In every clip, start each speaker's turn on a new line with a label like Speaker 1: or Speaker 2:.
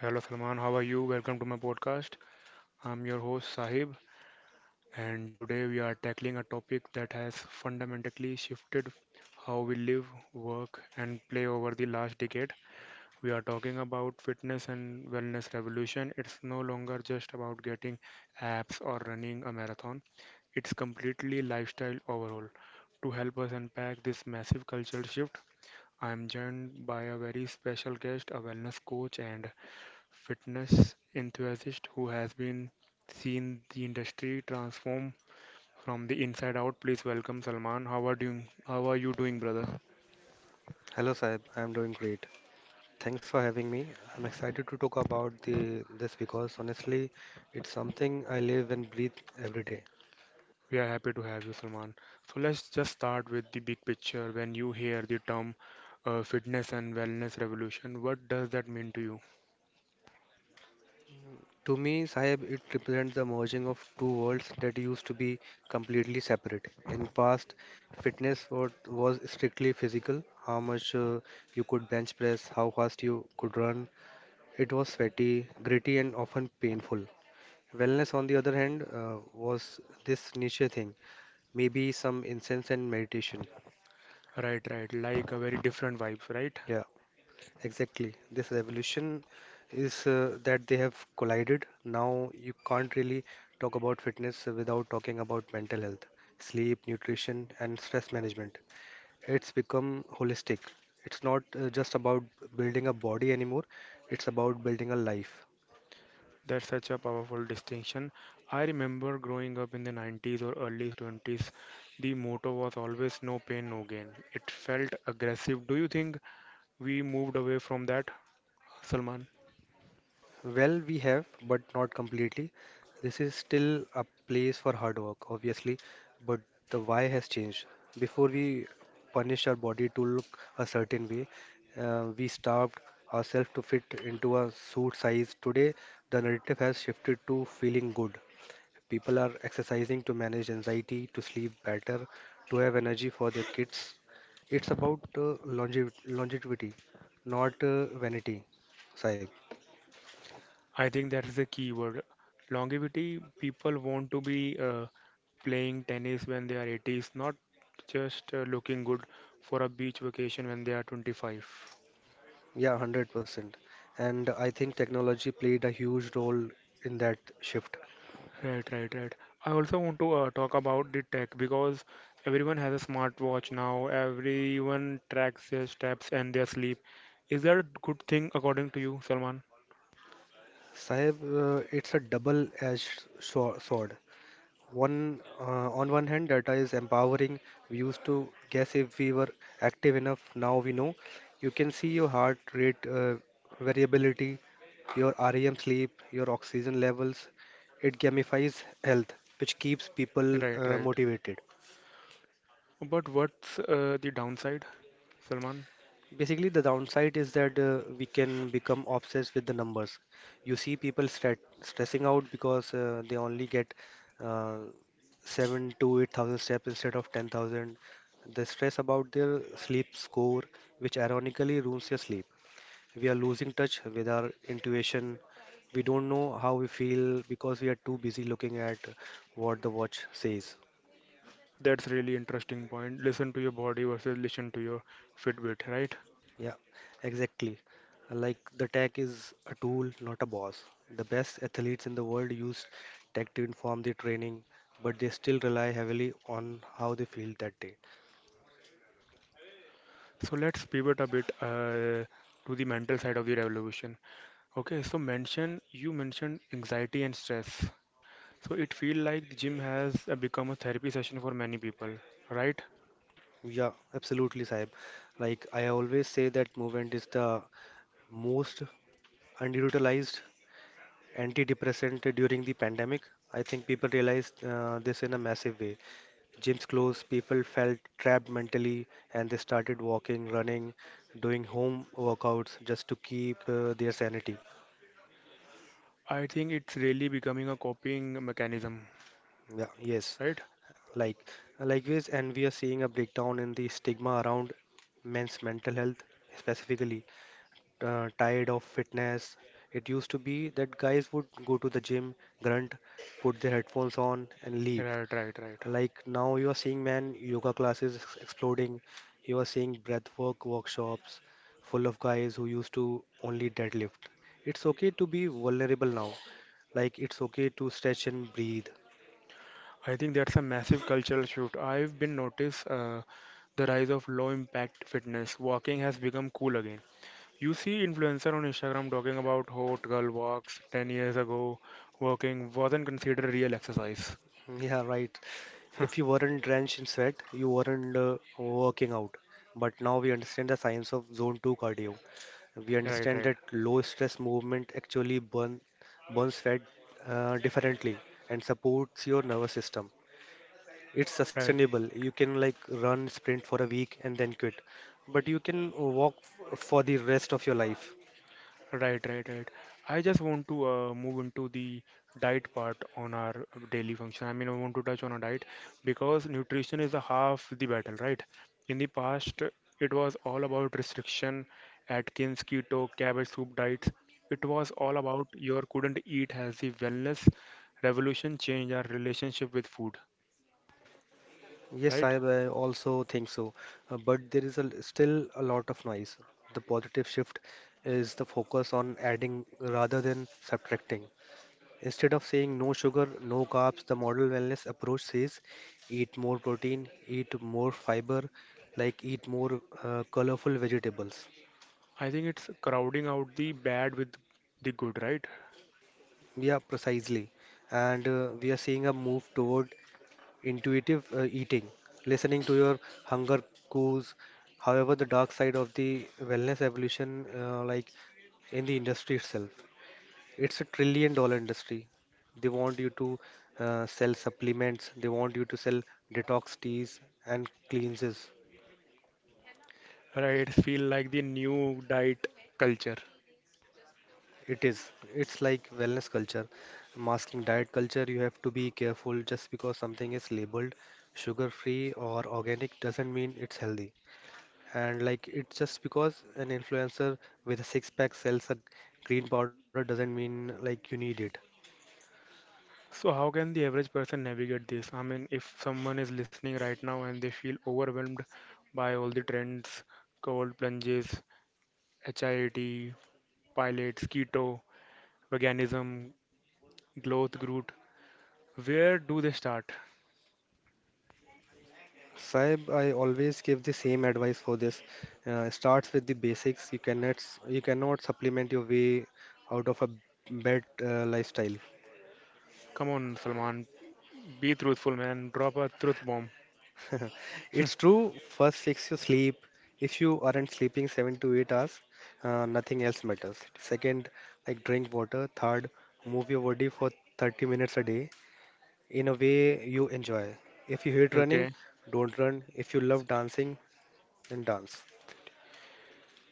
Speaker 1: Hello Salman, how are you? Welcome to my podcast. I'm your host Sahib, and today we are tackling a topic that has fundamentally shifted how we live, work, and play over the last decade. We are talking about fitness and wellness revolution. It's no longer just about getting abs or running a marathon. It's completely lifestyle overhaul. To help us unpack this massive cultural shift, I am joined by a very special guest, a wellness coach and fitness enthusiast who has been seen the industry transform from the inside out. Please welcome Salman. How are doing? How are you doing, brother?
Speaker 2: Hello Saib, I'm doing great. Thanks for having me. I'm excited to talk about the this because honestly, it's something I live and breathe every day.
Speaker 1: We are happy to have you, Salman. So let's just start with the big picture. When you hear the term fitness and wellness revolution, what does that mean to you?
Speaker 2: To me, Saib, it represents the merging of two worlds that used to be completely separate. In past, fitness was strictly physical, how much you could bench press, how fast you could run. It was sweaty, gritty, and often painful. Wellness, on the other hand, was this niche thing, maybe some incense and meditation.
Speaker 1: Right, right. Like a very different vibes, right?
Speaker 2: Yeah, exactly. This revolution is that they have collided. Now you can't really talk about fitness without talking about mental health, sleep, nutrition, and stress management. It's become holistic. It's not just about building a body anymore, it's about building a life.
Speaker 1: That's such a powerful distinction. I remember growing up in the 90s or early 20s, the motto was always no pain, no gain. It felt aggressive. Do you think we moved away from that, Salman?
Speaker 2: Well, we have, but not completely. This is still a place for hard work, obviously, but the why has changed. Before we punish our body to look a certain way, we starved ourselves to fit into a suit size. Today, the narrative has shifted to feeling good. People are exercising to manage anxiety, to sleep better, to have energy for their kids. It's about longevity, not vanity, Saib.
Speaker 1: I think that is the key word. Longevity, people want to be playing tennis when they are 80s, not just looking good for a beach vacation when they are 25.
Speaker 2: Yeah, 100%. And I think technology played a huge role in that shift.
Speaker 1: Right, right, right. I also want to talk about the tech because everyone has a smartwatch now. Everyone tracks their steps and their sleep. Is that a good thing according to you, Salman?
Speaker 2: Sahib, it's a sword. On one hand, data is empowering. We used to guess if we were active enough. Now we know. You can see your heart rate variability, your REM sleep, your oxygen levels. It gamifies health, which keeps people
Speaker 1: Right,
Speaker 2: uh,
Speaker 1: right.
Speaker 2: motivated.
Speaker 1: But what's the downside, Salman?
Speaker 2: Basically, the downside is that we can become obsessed with the numbers. You see people stressing out because they only get uh, seven to eight thousand steps instead of 10,000. They stress about their sleep score, which ironically ruins your sleep. We are losing touch with our intuition. We don't know how we feel because we are too busy looking at what the watch says.
Speaker 1: That's really interesting point. Listen to your body versus listen to your Fitbit, right?
Speaker 2: Yeah, exactly. Like the tech is a tool, not a boss. The best athletes in the world use tech to inform their training, but they still rely heavily on how they feel that day.
Speaker 1: So let's pivot a bit to the mental side of the revolution. Okay, so mentioned anxiety and stress. So it feels like gym has become a therapy session for many people, right?
Speaker 2: Yeah, absolutely, Saib. Like I always say that movement is the most underutilized antidepressant during the pandemic. I think people realized this in a massive way. Gyms closed, people felt trapped mentally and they started walking, running, doing home workouts just to keep their sanity.
Speaker 1: I think it's really becoming a coping mechanism,
Speaker 2: Yeah, yes.
Speaker 1: right?
Speaker 2: Like likewise, and we are seeing a breakdown in the stigma around men's mental health, specifically tired of fitness. It used to be that guys would go to the gym, grunt, put their headphones on, and leave.
Speaker 1: Right, right, right.
Speaker 2: Like now you are seeing man yoga classes exploding. You are seeing breathwork workshops full of guys who used to only deadlift. It's okay to be vulnerable now. Like it's okay to stretch and breathe.
Speaker 1: I think that's a massive cultural shift. I've been notice the rise of low impact fitness. Walking has become cool again. You see influencer on Instagram talking about hot girl walks 10 years ago. Walking wasn't considered real exercise.
Speaker 2: Yeah, right. If you weren't drenched in sweat, you weren't working out. But now we understand the science of zone 2 cardio. We
Speaker 1: Right,
Speaker 2: understand
Speaker 1: right,
Speaker 2: that low stress movement actually burn burns fat differently and supports your nervous system. It's
Speaker 1: right.
Speaker 2: sustainable. You can like run sprint for a week and then quit, but you can for the rest of your life.
Speaker 1: Right, right, right. I just want to move into the diet part on our daily function. I mean, I want to touch on a diet because nutrition is the half the battle, right? In the past, it was all about restriction, Atkins, keto, cabbage soup diets. It was all about your couldn't eat. Has the wellness revolution changed our relationship with food,
Speaker 2: yes
Speaker 1: right?
Speaker 2: i I also think so. But there is still a lot of noise. The positive shift is the focus on adding rather than subtracting. Instead of saying no sugar, no carbs, the model wellness approach says eat more protein, eat more fiber, like eat more colorful vegetables.
Speaker 1: I think it's crowding out the bad with the good, right?
Speaker 2: Yeah, precisely. And we are seeing a move toward intuitive eating, listening to your hunger cues. However, the dark side of the wellness evolution, like in the industry itself, it's a trillion dollar industry. They want you to sell supplements, they want you to sell detox teas and cleanses.
Speaker 1: Right, feel like the new diet culture.
Speaker 2: It is. It's like wellness culture, masking diet culture. You have to be careful. Just because something is labeled sugar free or organic doesn't mean it's healthy. And like, it's just because an influencer with a six pack sells a green powder doesn't mean like you need it.
Speaker 1: So, how can the average person navigate this? I mean, if someone is listening right now and they feel overwhelmed by all the trends, cold plunges, HIIT, pilates, keto, veganism, growth root, where do they start?
Speaker 2: Saib, I always give the same advice for this. Starts with the basics. You cannot supplement your way out of a bad lifestyle.
Speaker 1: Come on, Salman, be truthful, man. Drop a truth bomb.
Speaker 2: It's true. First, fix your sleep. If you aren't sleeping 7 to 8 hours, nothing else matters. Second, like drink water. Third, move your body for 30 minutes a day in a way you enjoy. If you hate running,
Speaker 1: Okay.
Speaker 2: don't run. If you love dancing, then dance.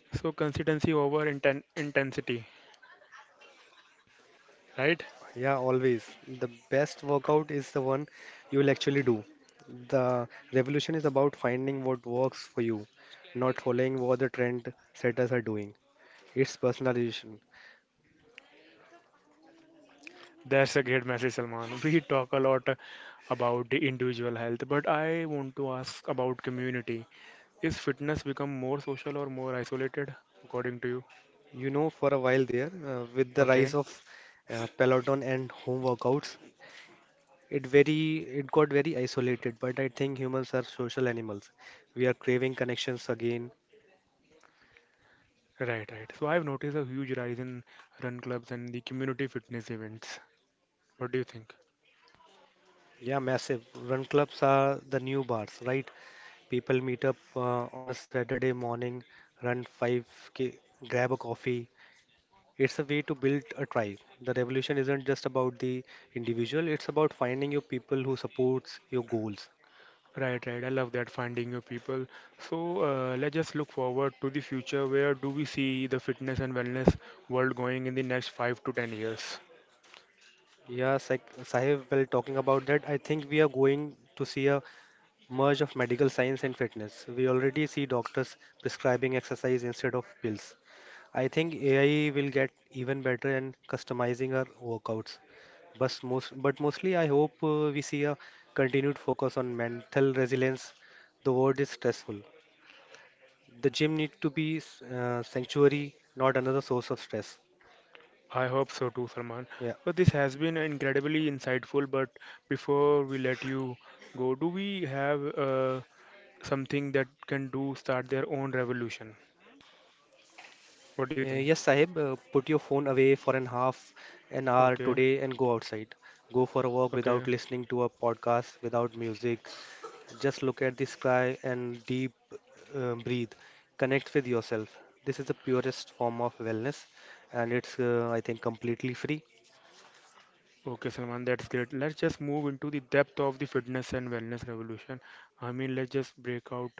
Speaker 1: So, consistency over intensity, right?
Speaker 2: Yeah, always. The best workout is the one you will actually do. The revolution is about finding what works for you, not following what the trend setters are doing. It's personalization.
Speaker 1: That's a great message, Salman. We talk a lot about the individual health, but I want to ask about community. Is fitness become more social or more isolated, according to you?
Speaker 2: You know, for a while there, with the rise
Speaker 1: Okay.
Speaker 2: of Peloton and home workouts, it got very isolated. But I think humans are social animals. We are craving connections again.
Speaker 1: Right, right. So I've noticed a huge rise in run clubs and the community fitness events. What do you think?
Speaker 2: Yeah, massive. Run clubs are the new bars, right? People meet up on a Saturday morning, run 5K, grab a coffee. It's a way to build a tribe. The revolution isn't just about the individual, it's about finding your people who supports your goals.
Speaker 1: Right, right. I love that finding new people. So let's just look forward to the future. Where do we see the fitness and wellness world going in the next 5 to 10 years?
Speaker 2: Yeah, Sahib, well, talking about that, I think we are going to see a merge of medical science and fitness. We already see doctors prescribing exercise instead of pills. I think AI will get even better in customizing our workouts. But mostly, I hope we see a continued focus on mental resilience. The world is stressful. The gym need to be sanctuary, not another source of stress.
Speaker 1: I hope so too, Salman.
Speaker 2: Yeah.
Speaker 1: So this has been incredibly insightful, but before we let you go, do we have something that can do start their own revolution? What do you think?
Speaker 2: Yes, Sahib, put your phone away for an half an hour
Speaker 1: Okay,
Speaker 2: today and go outside. Go for a walk
Speaker 1: okay.
Speaker 2: without listening to a podcast, without music. Just look at the sky and deep breathe. Connect with yourself. This is the purest form of wellness, and it's, I think, completely free.
Speaker 1: Okay, Salman, that's great. Let's just move into the depth of the fitness and wellness revolution. I mean, let's just break out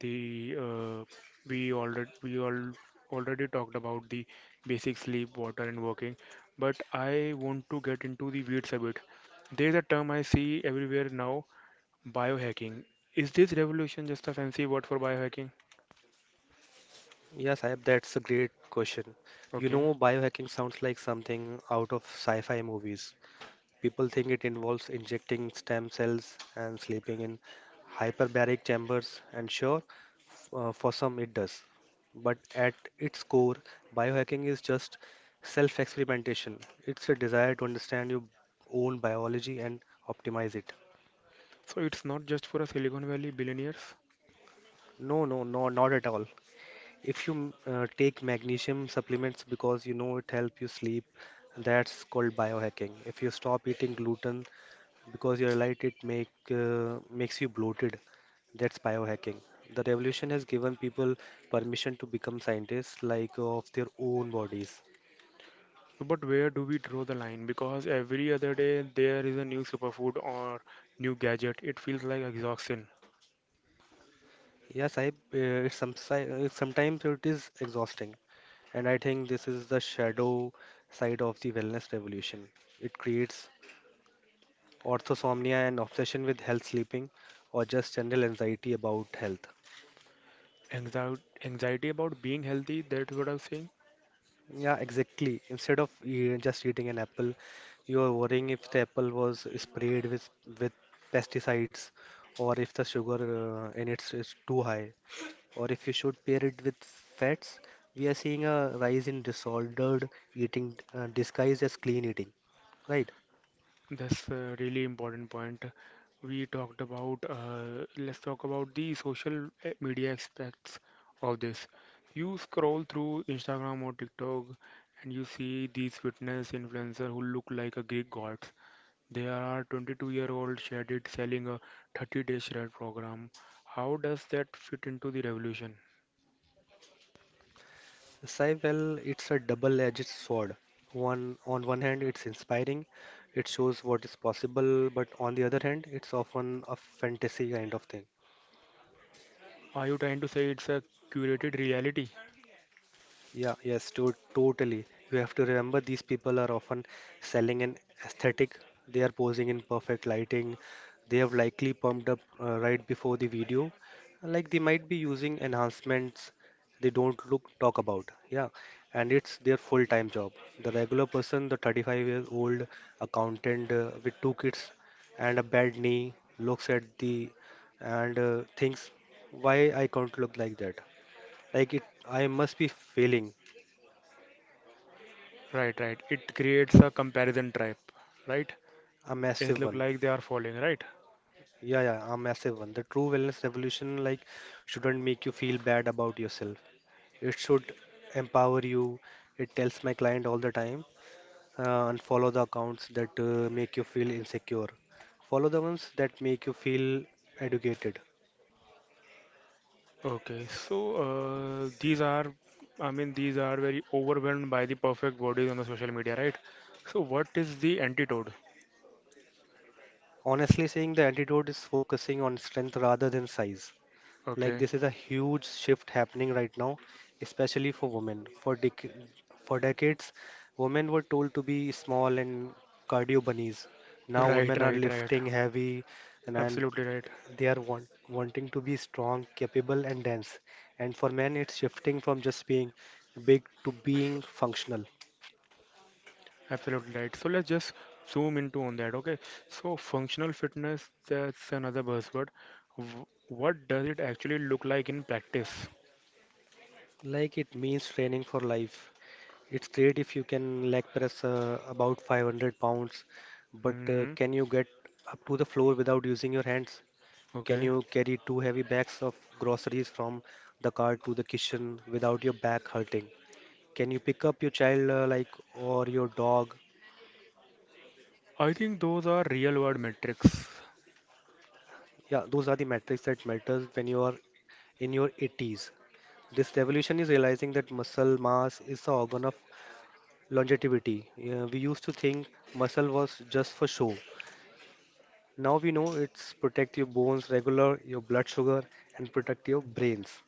Speaker 1: the we already we all already talked about the basic sleep, water, and working, but I want to get into the weeds a bit. There's a term I see everywhere now, biohacking. Is this revolution just a fancy word for biohacking?
Speaker 2: Yes, Sahib, that's a great question. You
Speaker 1: Okay,
Speaker 2: know, biohacking sounds like something out of sci-fi movies. People think it involves injecting stem cells and sleeping in hyperbaric chambers, and sure, for some it does. But at its core, biohacking is just self experimentation. It's a desire to understand your own biology and optimize it.
Speaker 1: so it's not just for a Silicon Valley billionaires.
Speaker 2: No, no, no, not at all. If you take magnesium supplements because you know it helps you sleep, that's called biohacking. If you stop eating gluten because your light it makes you bloated, that's biohacking. The revolution has given people permission to become scientists like of their own bodies.
Speaker 1: So, but where do we draw the line? Because every other day there is a new superfood or new gadget. It feels like exhaustion.
Speaker 2: Yes i uh, sometimes it is exhausting, and I think this is the shadow side of the wellness revolution. It creates orthosomnia and obsession with health sleeping, or just general anxiety about health.
Speaker 1: Anxi- Anxiety about being healthy, that's what I'm saying.
Speaker 2: Yeah, exactly. Instead of just eating an apple, you are worrying if the apple was sprayed with pesticides, or if the sugar in it is too high, or if you should pair it with fats. We are seeing a rise in disordered eating disguised as clean eating, right?
Speaker 1: That's a really important point. Let's talk about the social media aspects of this. You scroll through Instagram or TikTok and you see these fitness influencers who look like a Greek gods. There are 22-year-old shaded selling a 30-day shred program. How does that fit into the revolution?
Speaker 2: Sai, well, it's a double-edged sword. One on one hand, it's inspiring, it shows what is possible, but on the other hand, it's often a fantasy kind of thing.
Speaker 1: Are you trying to say it's a curated reality?
Speaker 2: Yeah, yes, to totally. You have to remember these people are often selling an aesthetic. They are posing in perfect lighting. They have likely pumped up right before the video. Like they might be using enhancements they don't look talk about. Yeah, and it's their full-time job. The regular person, the 35 years old accountant with two kids and a bad knee, looks at the and thinks, why I can't look like that? Like it, I must be failing.
Speaker 1: Right, right. It creates a comparison trap, right?
Speaker 2: A
Speaker 1: It
Speaker 2: massive
Speaker 1: look
Speaker 2: one.
Speaker 1: like they are falling, right?
Speaker 2: Yeah, a massive one. The true wellness revolution, like, shouldn't make you feel bad about yourself. It should empower you. It tells my client all the time, unfollow the accounts that make you feel insecure. Follow the ones that make you feel educated.
Speaker 1: Okay, so uh, these are, I mean, these are very overwhelmed by the perfect bodies on the social media, right? So what is the antidote?
Speaker 2: Honestly saying, the antidote is focusing on strength rather than size. Like
Speaker 1: Okay,
Speaker 2: this is a huge shift happening right now, especially for women. For decades, women were told to be small and cardio bunnies. Now
Speaker 1: right,
Speaker 2: women are
Speaker 1: right, right.
Speaker 2: lifting heavy and, and
Speaker 1: Absolutely right.
Speaker 2: they are want wanting to be strong, capable and dense. And for men, it's shifting from just being big to being functional.
Speaker 1: Absolutely right. So let's just zoom into on that, okay? So functional fitness, that's another buzzword. What does it actually look like in practice?
Speaker 2: Like it means training for life. It's great if you can leg press about 500 pounds, but
Speaker 1: Hmm.
Speaker 2: can you get up to the floor without using your hands? Can
Speaker 1: Okay.
Speaker 2: you carry two heavy bags of groceries from the car to the kitchen without your back hurting? Can you pick up your child or your dog?
Speaker 1: I think those are real world metrics.
Speaker 2: Yeah, those are the metrics that matters when you are in your 80s. This revolution is realizing that muscle mass is the organ of longevity. We used to think muscle was just for show. Now we know it's protect your bones, regular your blood sugar, and protect your brains.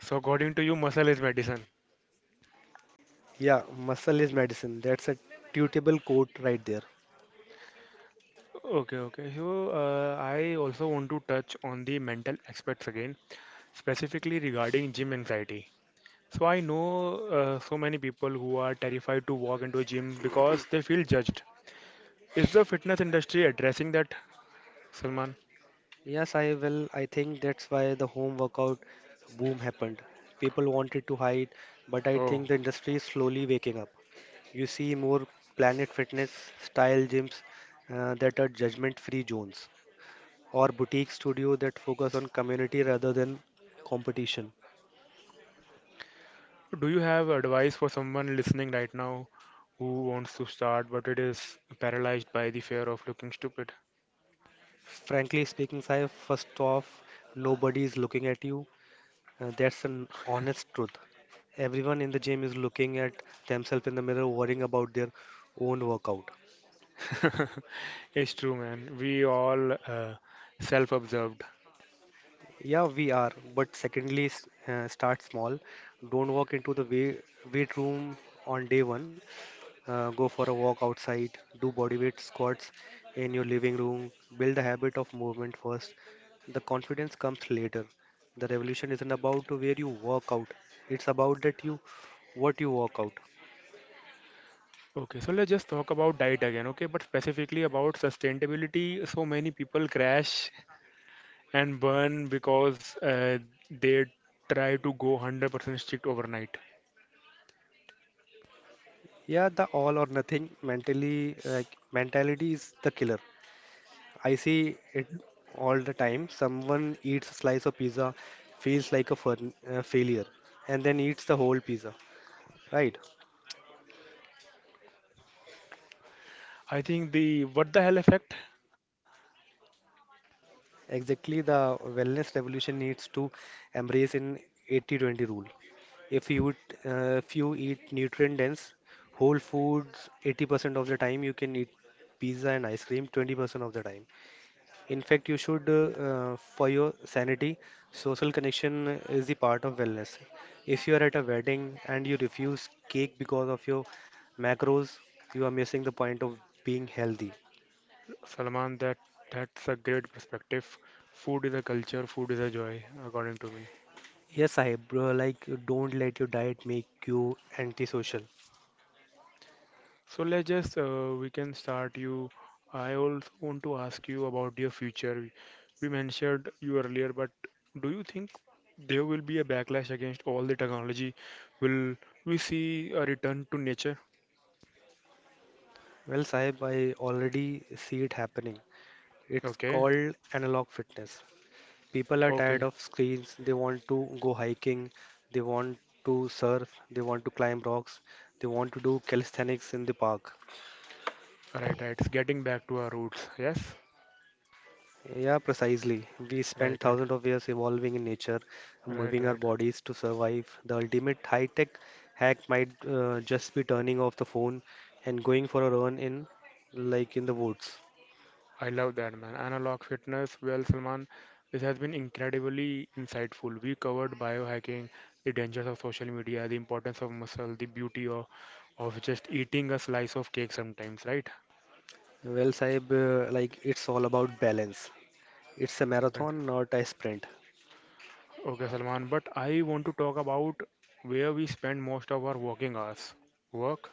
Speaker 1: So according to you, muscle is medicine.
Speaker 2: Yeah, muscle is medicine. That's a tweetable quote right there.
Speaker 1: Okay, okay. So I also want to touch on the mental aspects again, specifically regarding gym anxiety. So I know so many people who are terrified to walk into a gym because they feel judged. Is the fitness industry addressing that, Salman?
Speaker 2: Yes, I will. I think that's why the home workout boom happened. People wanted to hide, but I
Speaker 1: Oh,
Speaker 2: think the industry is slowly waking up. You see more Planet Fitness style gyms that are judgment-free zones or boutique studio that focus on community rather than competition.
Speaker 1: do you have advice for someone listening right now who wants to start but it is paralyzed by the fear of looking stupid?
Speaker 2: Frankly speaking, Sai, first off, nobody is looking at you. That's an honest truth. Everyone in the gym is looking at themselves in the mirror, worrying about their own workout.
Speaker 1: It's true, man. We all self-observed.
Speaker 2: Yeah, we are. But secondly, start small. Don't walk into the weight room on day one. Go for a walk outside, do body weight squats in your living room, build a habit of movement first. The confidence comes later. The revolution isn't about to where you work out, it's about that you what you work out.
Speaker 1: Okay, so let's just talk about diet again, okay? But specifically about sustainability. So many people crash and burn because they try to go 100% strict overnight.
Speaker 2: Yeah, the all or nothing mentally like mentality is the killer. I see it all the time. Someone eats a slice of pizza, feels like a failure, and then eats the whole pizza. Right?
Speaker 1: I think the what the hell effect.
Speaker 2: Exactly, the wellness revolution needs to embrace an 80-20 rule. If you eat, if you eat nutrient dense whole foods 80% of the time, you can eat pizza and ice cream 20% of the time. In fact, you should, for your sanity, social connection is the part of wellness. If you are at a wedding and you refuse cake because of your macros, you are missing the point of being healthy.
Speaker 1: Salman, that 's a great perspective. Food is a culture, food is a joy, according to me.
Speaker 2: Yes, Sahib, bro, like don't let your diet make you antisocial.
Speaker 1: So let's just we can start you. I also want to ask you about your future. We mentioned you earlier, but do you think there will be a backlash against all the technology? Will we see a return to nature?
Speaker 2: Well, Sahib, I already see it happening. It's
Speaker 1: Okay,
Speaker 2: called analog fitness. People are tired
Speaker 1: okay,
Speaker 2: of screens, they want to go hiking, they want to surf, they want to climb rocks, they want to do calisthenics in the park.
Speaker 1: right, right. It's getting back to our roots. Yes,
Speaker 2: Yeah, precisely. We spent
Speaker 1: right, right,
Speaker 2: thousands of years evolving in nature,
Speaker 1: right,
Speaker 2: moving our
Speaker 1: right.
Speaker 2: bodies to survive. The ultimate high-tech hack might just be turning off the phone and going for a run in the woods.
Speaker 1: I love that, man. Analog fitness, well, Salman, this has been incredibly insightful. We covered biohacking, the dangers of social media, the importance of muscle, the beauty of just eating a slice of cake sometimes, right?
Speaker 2: Well, Saib, it's all about balance. It's a
Speaker 1: Right.
Speaker 2: marathon, not a sprint.
Speaker 1: Okay, Salman, but I want to talk about where we spend most of our working hours. Work?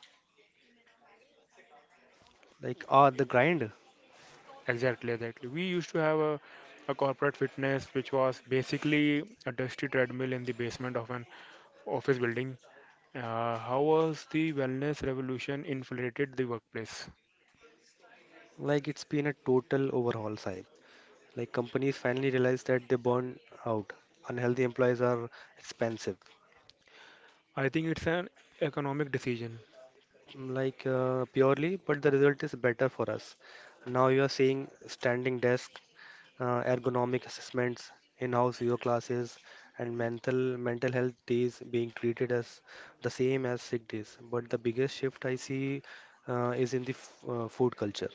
Speaker 2: Like, ah, the grind.
Speaker 1: Exactly, exactly. We used to have a corporate fitness, which was basically a dusty treadmill in the basement of an office building. How was the wellness revolution infiltrated the workplace?
Speaker 2: Like, it's been a total overhaul, Saib. Like, companies finally realize that they burn out. Unhealthy employees are expensive.
Speaker 1: I think it's an economic decision.
Speaker 2: Like purely, but the result is better for us. Now you are seeing standing desk, ergonomic assessments, in-house yoga classes, and mental health days being treated as the same as sick days. But the biggest shift I see is in the f food culture.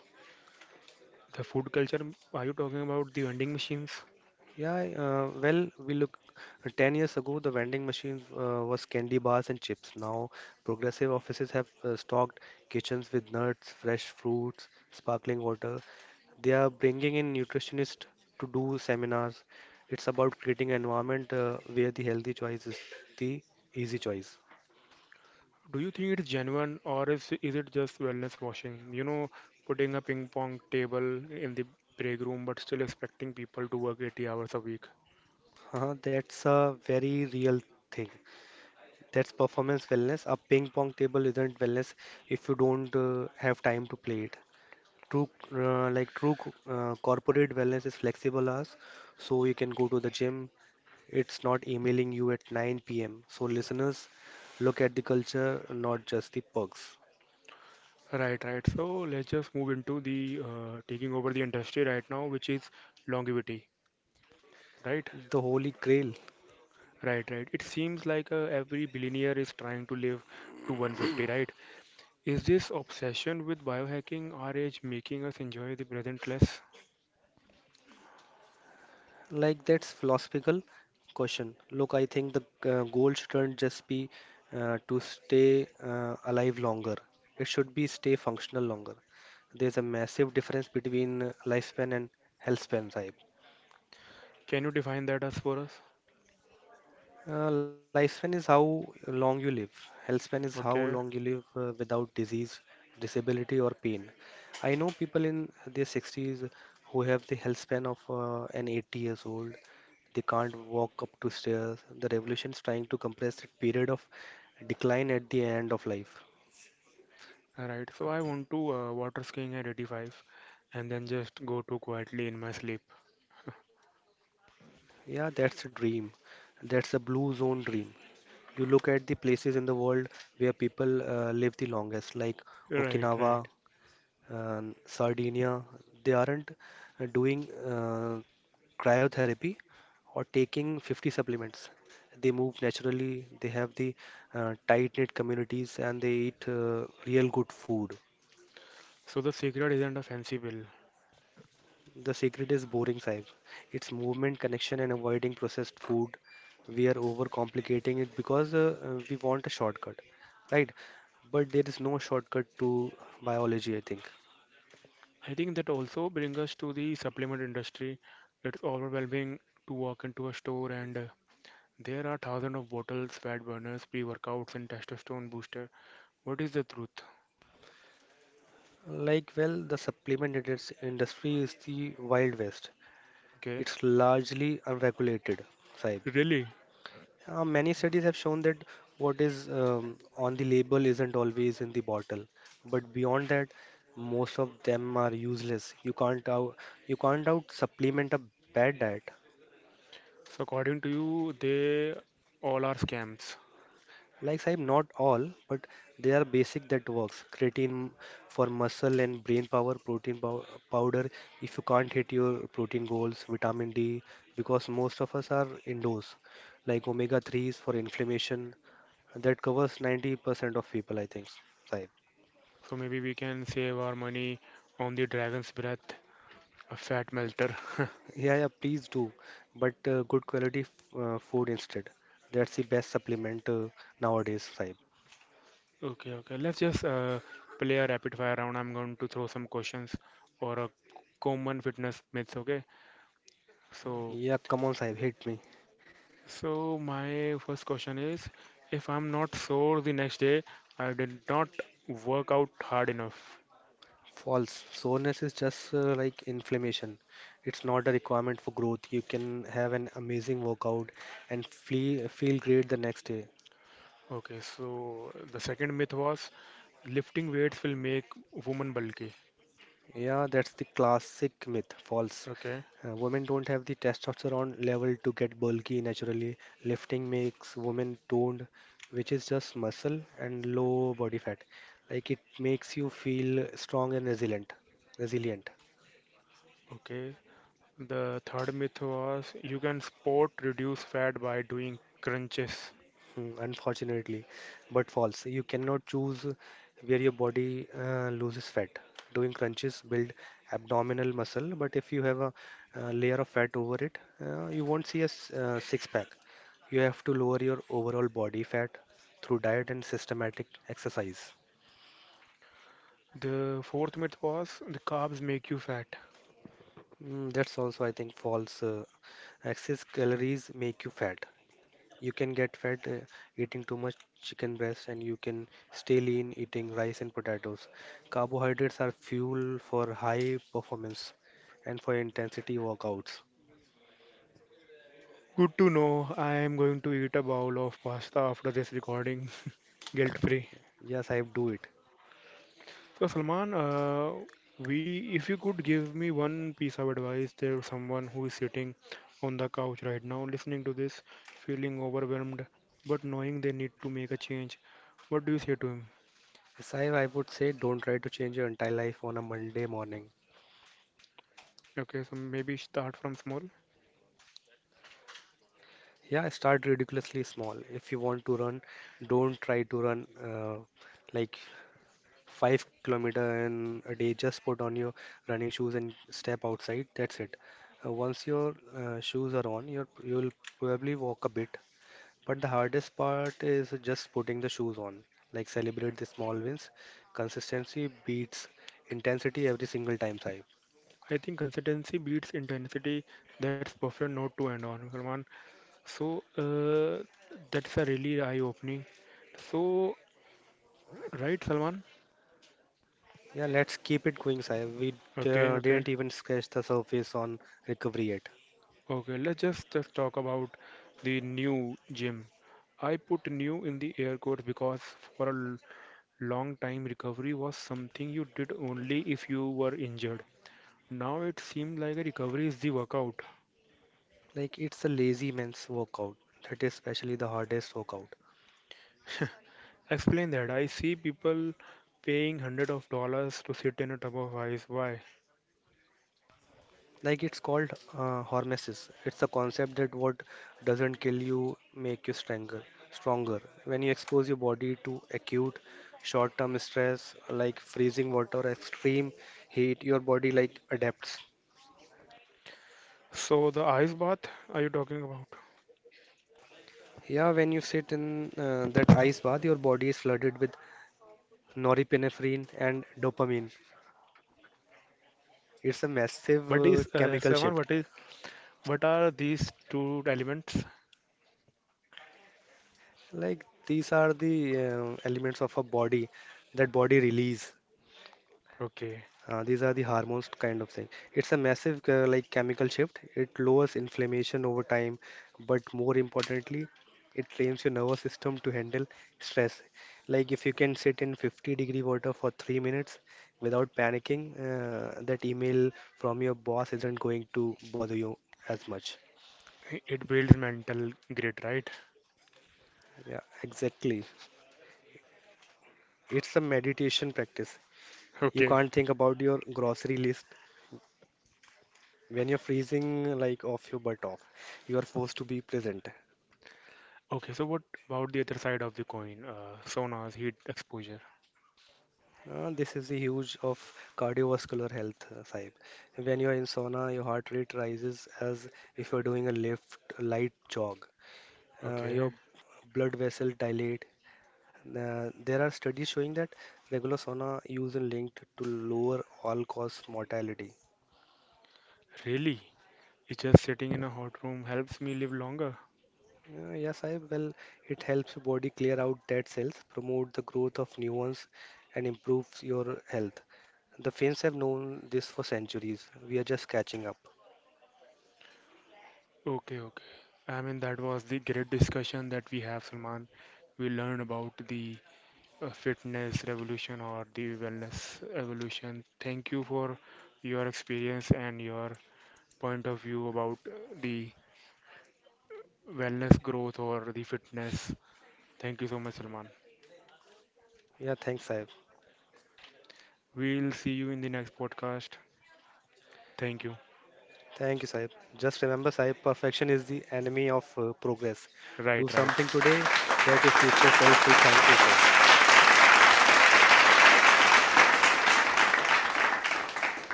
Speaker 1: The food culture, are you talking about the vending machines?
Speaker 2: Yeah, I, well, we look 10 years ago, the vending machines was candy bars and chips. Now, progressive offices have stocked kitchens with nuts, fresh fruits, sparkling water. They are bringing in nutritionists to do seminars. It's about creating an environment where the healthy choice is the easy choice.
Speaker 1: Do you think it's genuine or is it just wellness washing? You know, putting a ping pong table in the break room but still expecting people to work 80 hours a week.
Speaker 2: That's a very real thing. That's performance wellness. A ping pong table isn't wellness if you don't have time to play it. True, true corporate wellness is flexible hours, so you can go to the gym. It's not emailing you at 9 p.m. So listeners, look at the culture, not just the perks.
Speaker 1: Right, right. So let's just move into the taking over the industry right now, which is longevity, right?
Speaker 2: The holy grail.
Speaker 1: Right, right. It seems like every billionaire is trying to live to 150, right? Is this obsession with biohacking our age making us enjoy the present less?
Speaker 2: Like that's philosophical question. Look, I think the goal shouldn't just be to stay alive longer. It should be stay functional longer. There's a massive difference between lifespan and health span.
Speaker 1: Can you define that as for us?
Speaker 2: Lifespan is how long you live. Health span is how
Speaker 1: Okay,
Speaker 2: long you live without disease, disability, or pain. I know people in their 60s who have the health span of an 80 years old. They can't walk up two stairs. The revolution is trying to compress that period of decline at the end of life.
Speaker 1: alright. So I want to water skiing at 85 and then just go to quietly in my sleep.
Speaker 2: Yeah, that's a dream. That's a blue zone dream. You look at the places in the world where people live the longest, like
Speaker 1: Right, right.
Speaker 2: Okinawa, and Sardinia, they aren't doing cryotherapy or taking 50 supplements. They move naturally, they have the tight knit communities, and they eat real good food.
Speaker 1: So the secret isn't a fancy pill.
Speaker 2: The secret is boring, Saib. It's movement, connection, and avoiding processed food. We are overcomplicating it because we want a shortcut, right? But there is no shortcut to biology, I think.
Speaker 1: I think that also brings us to the supplement industry. It's overwhelming to walk into a store and there are thousands of bottles, fat burners, pre-workouts, and testosterone booster. What is the truth?
Speaker 2: Like, well, the industry is the Wild West.
Speaker 1: Okay,
Speaker 2: It's largely unregulated, Saib.
Speaker 1: really?
Speaker 2: Many studies have shown that what is on the label isn't always in the bottle. But beyond that, most of them are useless. You can't out supplement a bad diet.
Speaker 1: So according to you, they all are scams.
Speaker 2: Like Sahib, not all, but they are basic that works. Creatine for muscle and brain power, powder if you can't hit your protein goals, vitamin D because most of us are indoors. Like omega 3s for inflammation. That covers 90% of people, I think, Sahib.
Speaker 1: So maybe we can save our money on the dragon's breath, a fat melter.
Speaker 2: Yeah, yeah, please do. But good quality food instead. That's the best supplement nowadays, Sahib.
Speaker 1: Okay, okay. Let's just play a rapid fire round. I'm going to throw some questions or a common fitness myths. Okay. So
Speaker 2: Yeah, come on, Sahib, hit me.
Speaker 1: so my first question is, if I'm not sore the next day, I did not work out hard enough.
Speaker 2: False. Soreness is just inflammation. It's not a requirement for growth. You can have an amazing workout and feel great the next day.
Speaker 1: Okay, so the second myth was lifting weights will make woman bulky.
Speaker 2: Yeah, that's the classic myth. False.
Speaker 1: Okay,
Speaker 2: Women don't have the testosterone level to get bulky naturally. Lifting makes women toned, which is just muscle and low body fat. Like it makes you feel strong and resilient. Resilient.
Speaker 1: okay. The third myth was you can sport reduce fat by doing crunches.
Speaker 2: Mm, unfortunately, but false. You cannot choose where your body loses fat. Doing crunches build abdominal muscle, but if you have a, layer of fat over it, you won't see a six pack. You have to lower your overall body fat through diet and systematic exercise.
Speaker 1: The fourth myth was the carbs make you fat.
Speaker 2: Mm, that's also, I think, false. Excess calories make you fat. You can get fat eating too much chicken breast, and you can stay lean eating rice and potatoes. Carbohydrates are fuel for high performance and for intensity workouts.
Speaker 1: Good to know. I am going to eat a bowl of pasta after this recording, guilt free.
Speaker 2: Yes, I do it.
Speaker 1: So Salman, we if you could give me one piece of advice to someone who is sitting on the couch right now listening to this, feeling overwhelmed, but knowing they need to make a change, what do you say to him?
Speaker 2: Sai, I would say don't try to change your entire life on a Monday morning.
Speaker 1: Okay, so maybe start from small.
Speaker 2: Yeah, start ridiculously small. If you want to run, don't try to run like 5 kilometer in a day. Just put on your running shoes and step outside, that's it. Once your shoes are on, you'll probably walk a bit, but the hardest part is just putting the shoes on. Like celebrate the small wins. Consistency beats intensity every single time, Saib.
Speaker 1: I think consistency beats intensity. That's perfect note to end on, Salman. So that's a really eye-opening. So right, Salman?
Speaker 2: Yeah, let's keep it going, Saib. We
Speaker 1: Okay, okay.
Speaker 2: didn't even scratch the surface on recovery yet.
Speaker 1: Okay, just talk about the new gym. I put new in the air quotes because for long time recovery was something you did only if you were injured. Now it seems like a recovery is the workout.
Speaker 2: Like it's a lazy man's workout, that is especially the hardest workout.
Speaker 1: Explain that. I see people paying hundred of dollars to sit in a tub of ice. Why?
Speaker 2: Like it's called hormesis. It's a concept that what doesn't kill you make you stronger when you expose your body to acute short term stress like freezing water, extreme heat. Your body like adapts.
Speaker 1: So the ice bath are you talking about?
Speaker 2: Yeah, when you sit in that ice bath, your body is flooded with norepinephrine and dopamine. It's a
Speaker 1: What
Speaker 2: massive
Speaker 1: is
Speaker 2: chemical
Speaker 1: Salman? What
Speaker 2: shift.
Speaker 1: is what are these two elements?
Speaker 2: Like these are the elements of a body that body release.
Speaker 1: Okay,
Speaker 2: These are the hormones kind of thing. It's a massive chemical shift. It lowers inflammation over time, but more importantly, it trains your nervous system to handle stress. Like if you can sit in 50-degree water for 3 minutes without panicking, that email from your boss isn't going to bother you as much.
Speaker 1: it builds mental grit, right?
Speaker 2: Yeah, exactly. It's a meditation practice. You
Speaker 1: Okay,
Speaker 2: can't think about your grocery list when you're freezing like off your butt off. You are forced to be present.
Speaker 1: okay, so what about the other side of the coin? Saunas, heat exposure.
Speaker 2: This is the huge of cardiovascular health, Sahib. When you are in sauna, your heart rate rises as if you are doing a lift, light jog. Uh,
Speaker 1: Okay,
Speaker 2: your blood vessel dilate. There are studies showing that regular sauna use is linked to lower all-cause mortality.
Speaker 1: really? It's just sitting in a hot room helps me live longer?
Speaker 2: Yes, it helps your body clear out dead cells, promote the growth of new ones, and improves your health. The Finns have known this for centuries. We are just catching up.
Speaker 1: Okay, okay. I mean, that was the great discussion that we have, Salman. We learned about the fitness revolution or the wellness evolution. Thank you for your experience and your point of view about the wellness growth or the fitness. Thank you so much, Salman.
Speaker 2: Yeah, thanks, I—
Speaker 1: We'll see you in the next podcast. Thank you.
Speaker 2: Thank you, Sahib. Just remember, Sahib, perfection is the enemy of progress. Do
Speaker 1: Right,
Speaker 2: something
Speaker 1: right.
Speaker 2: today that your future self will thank you for.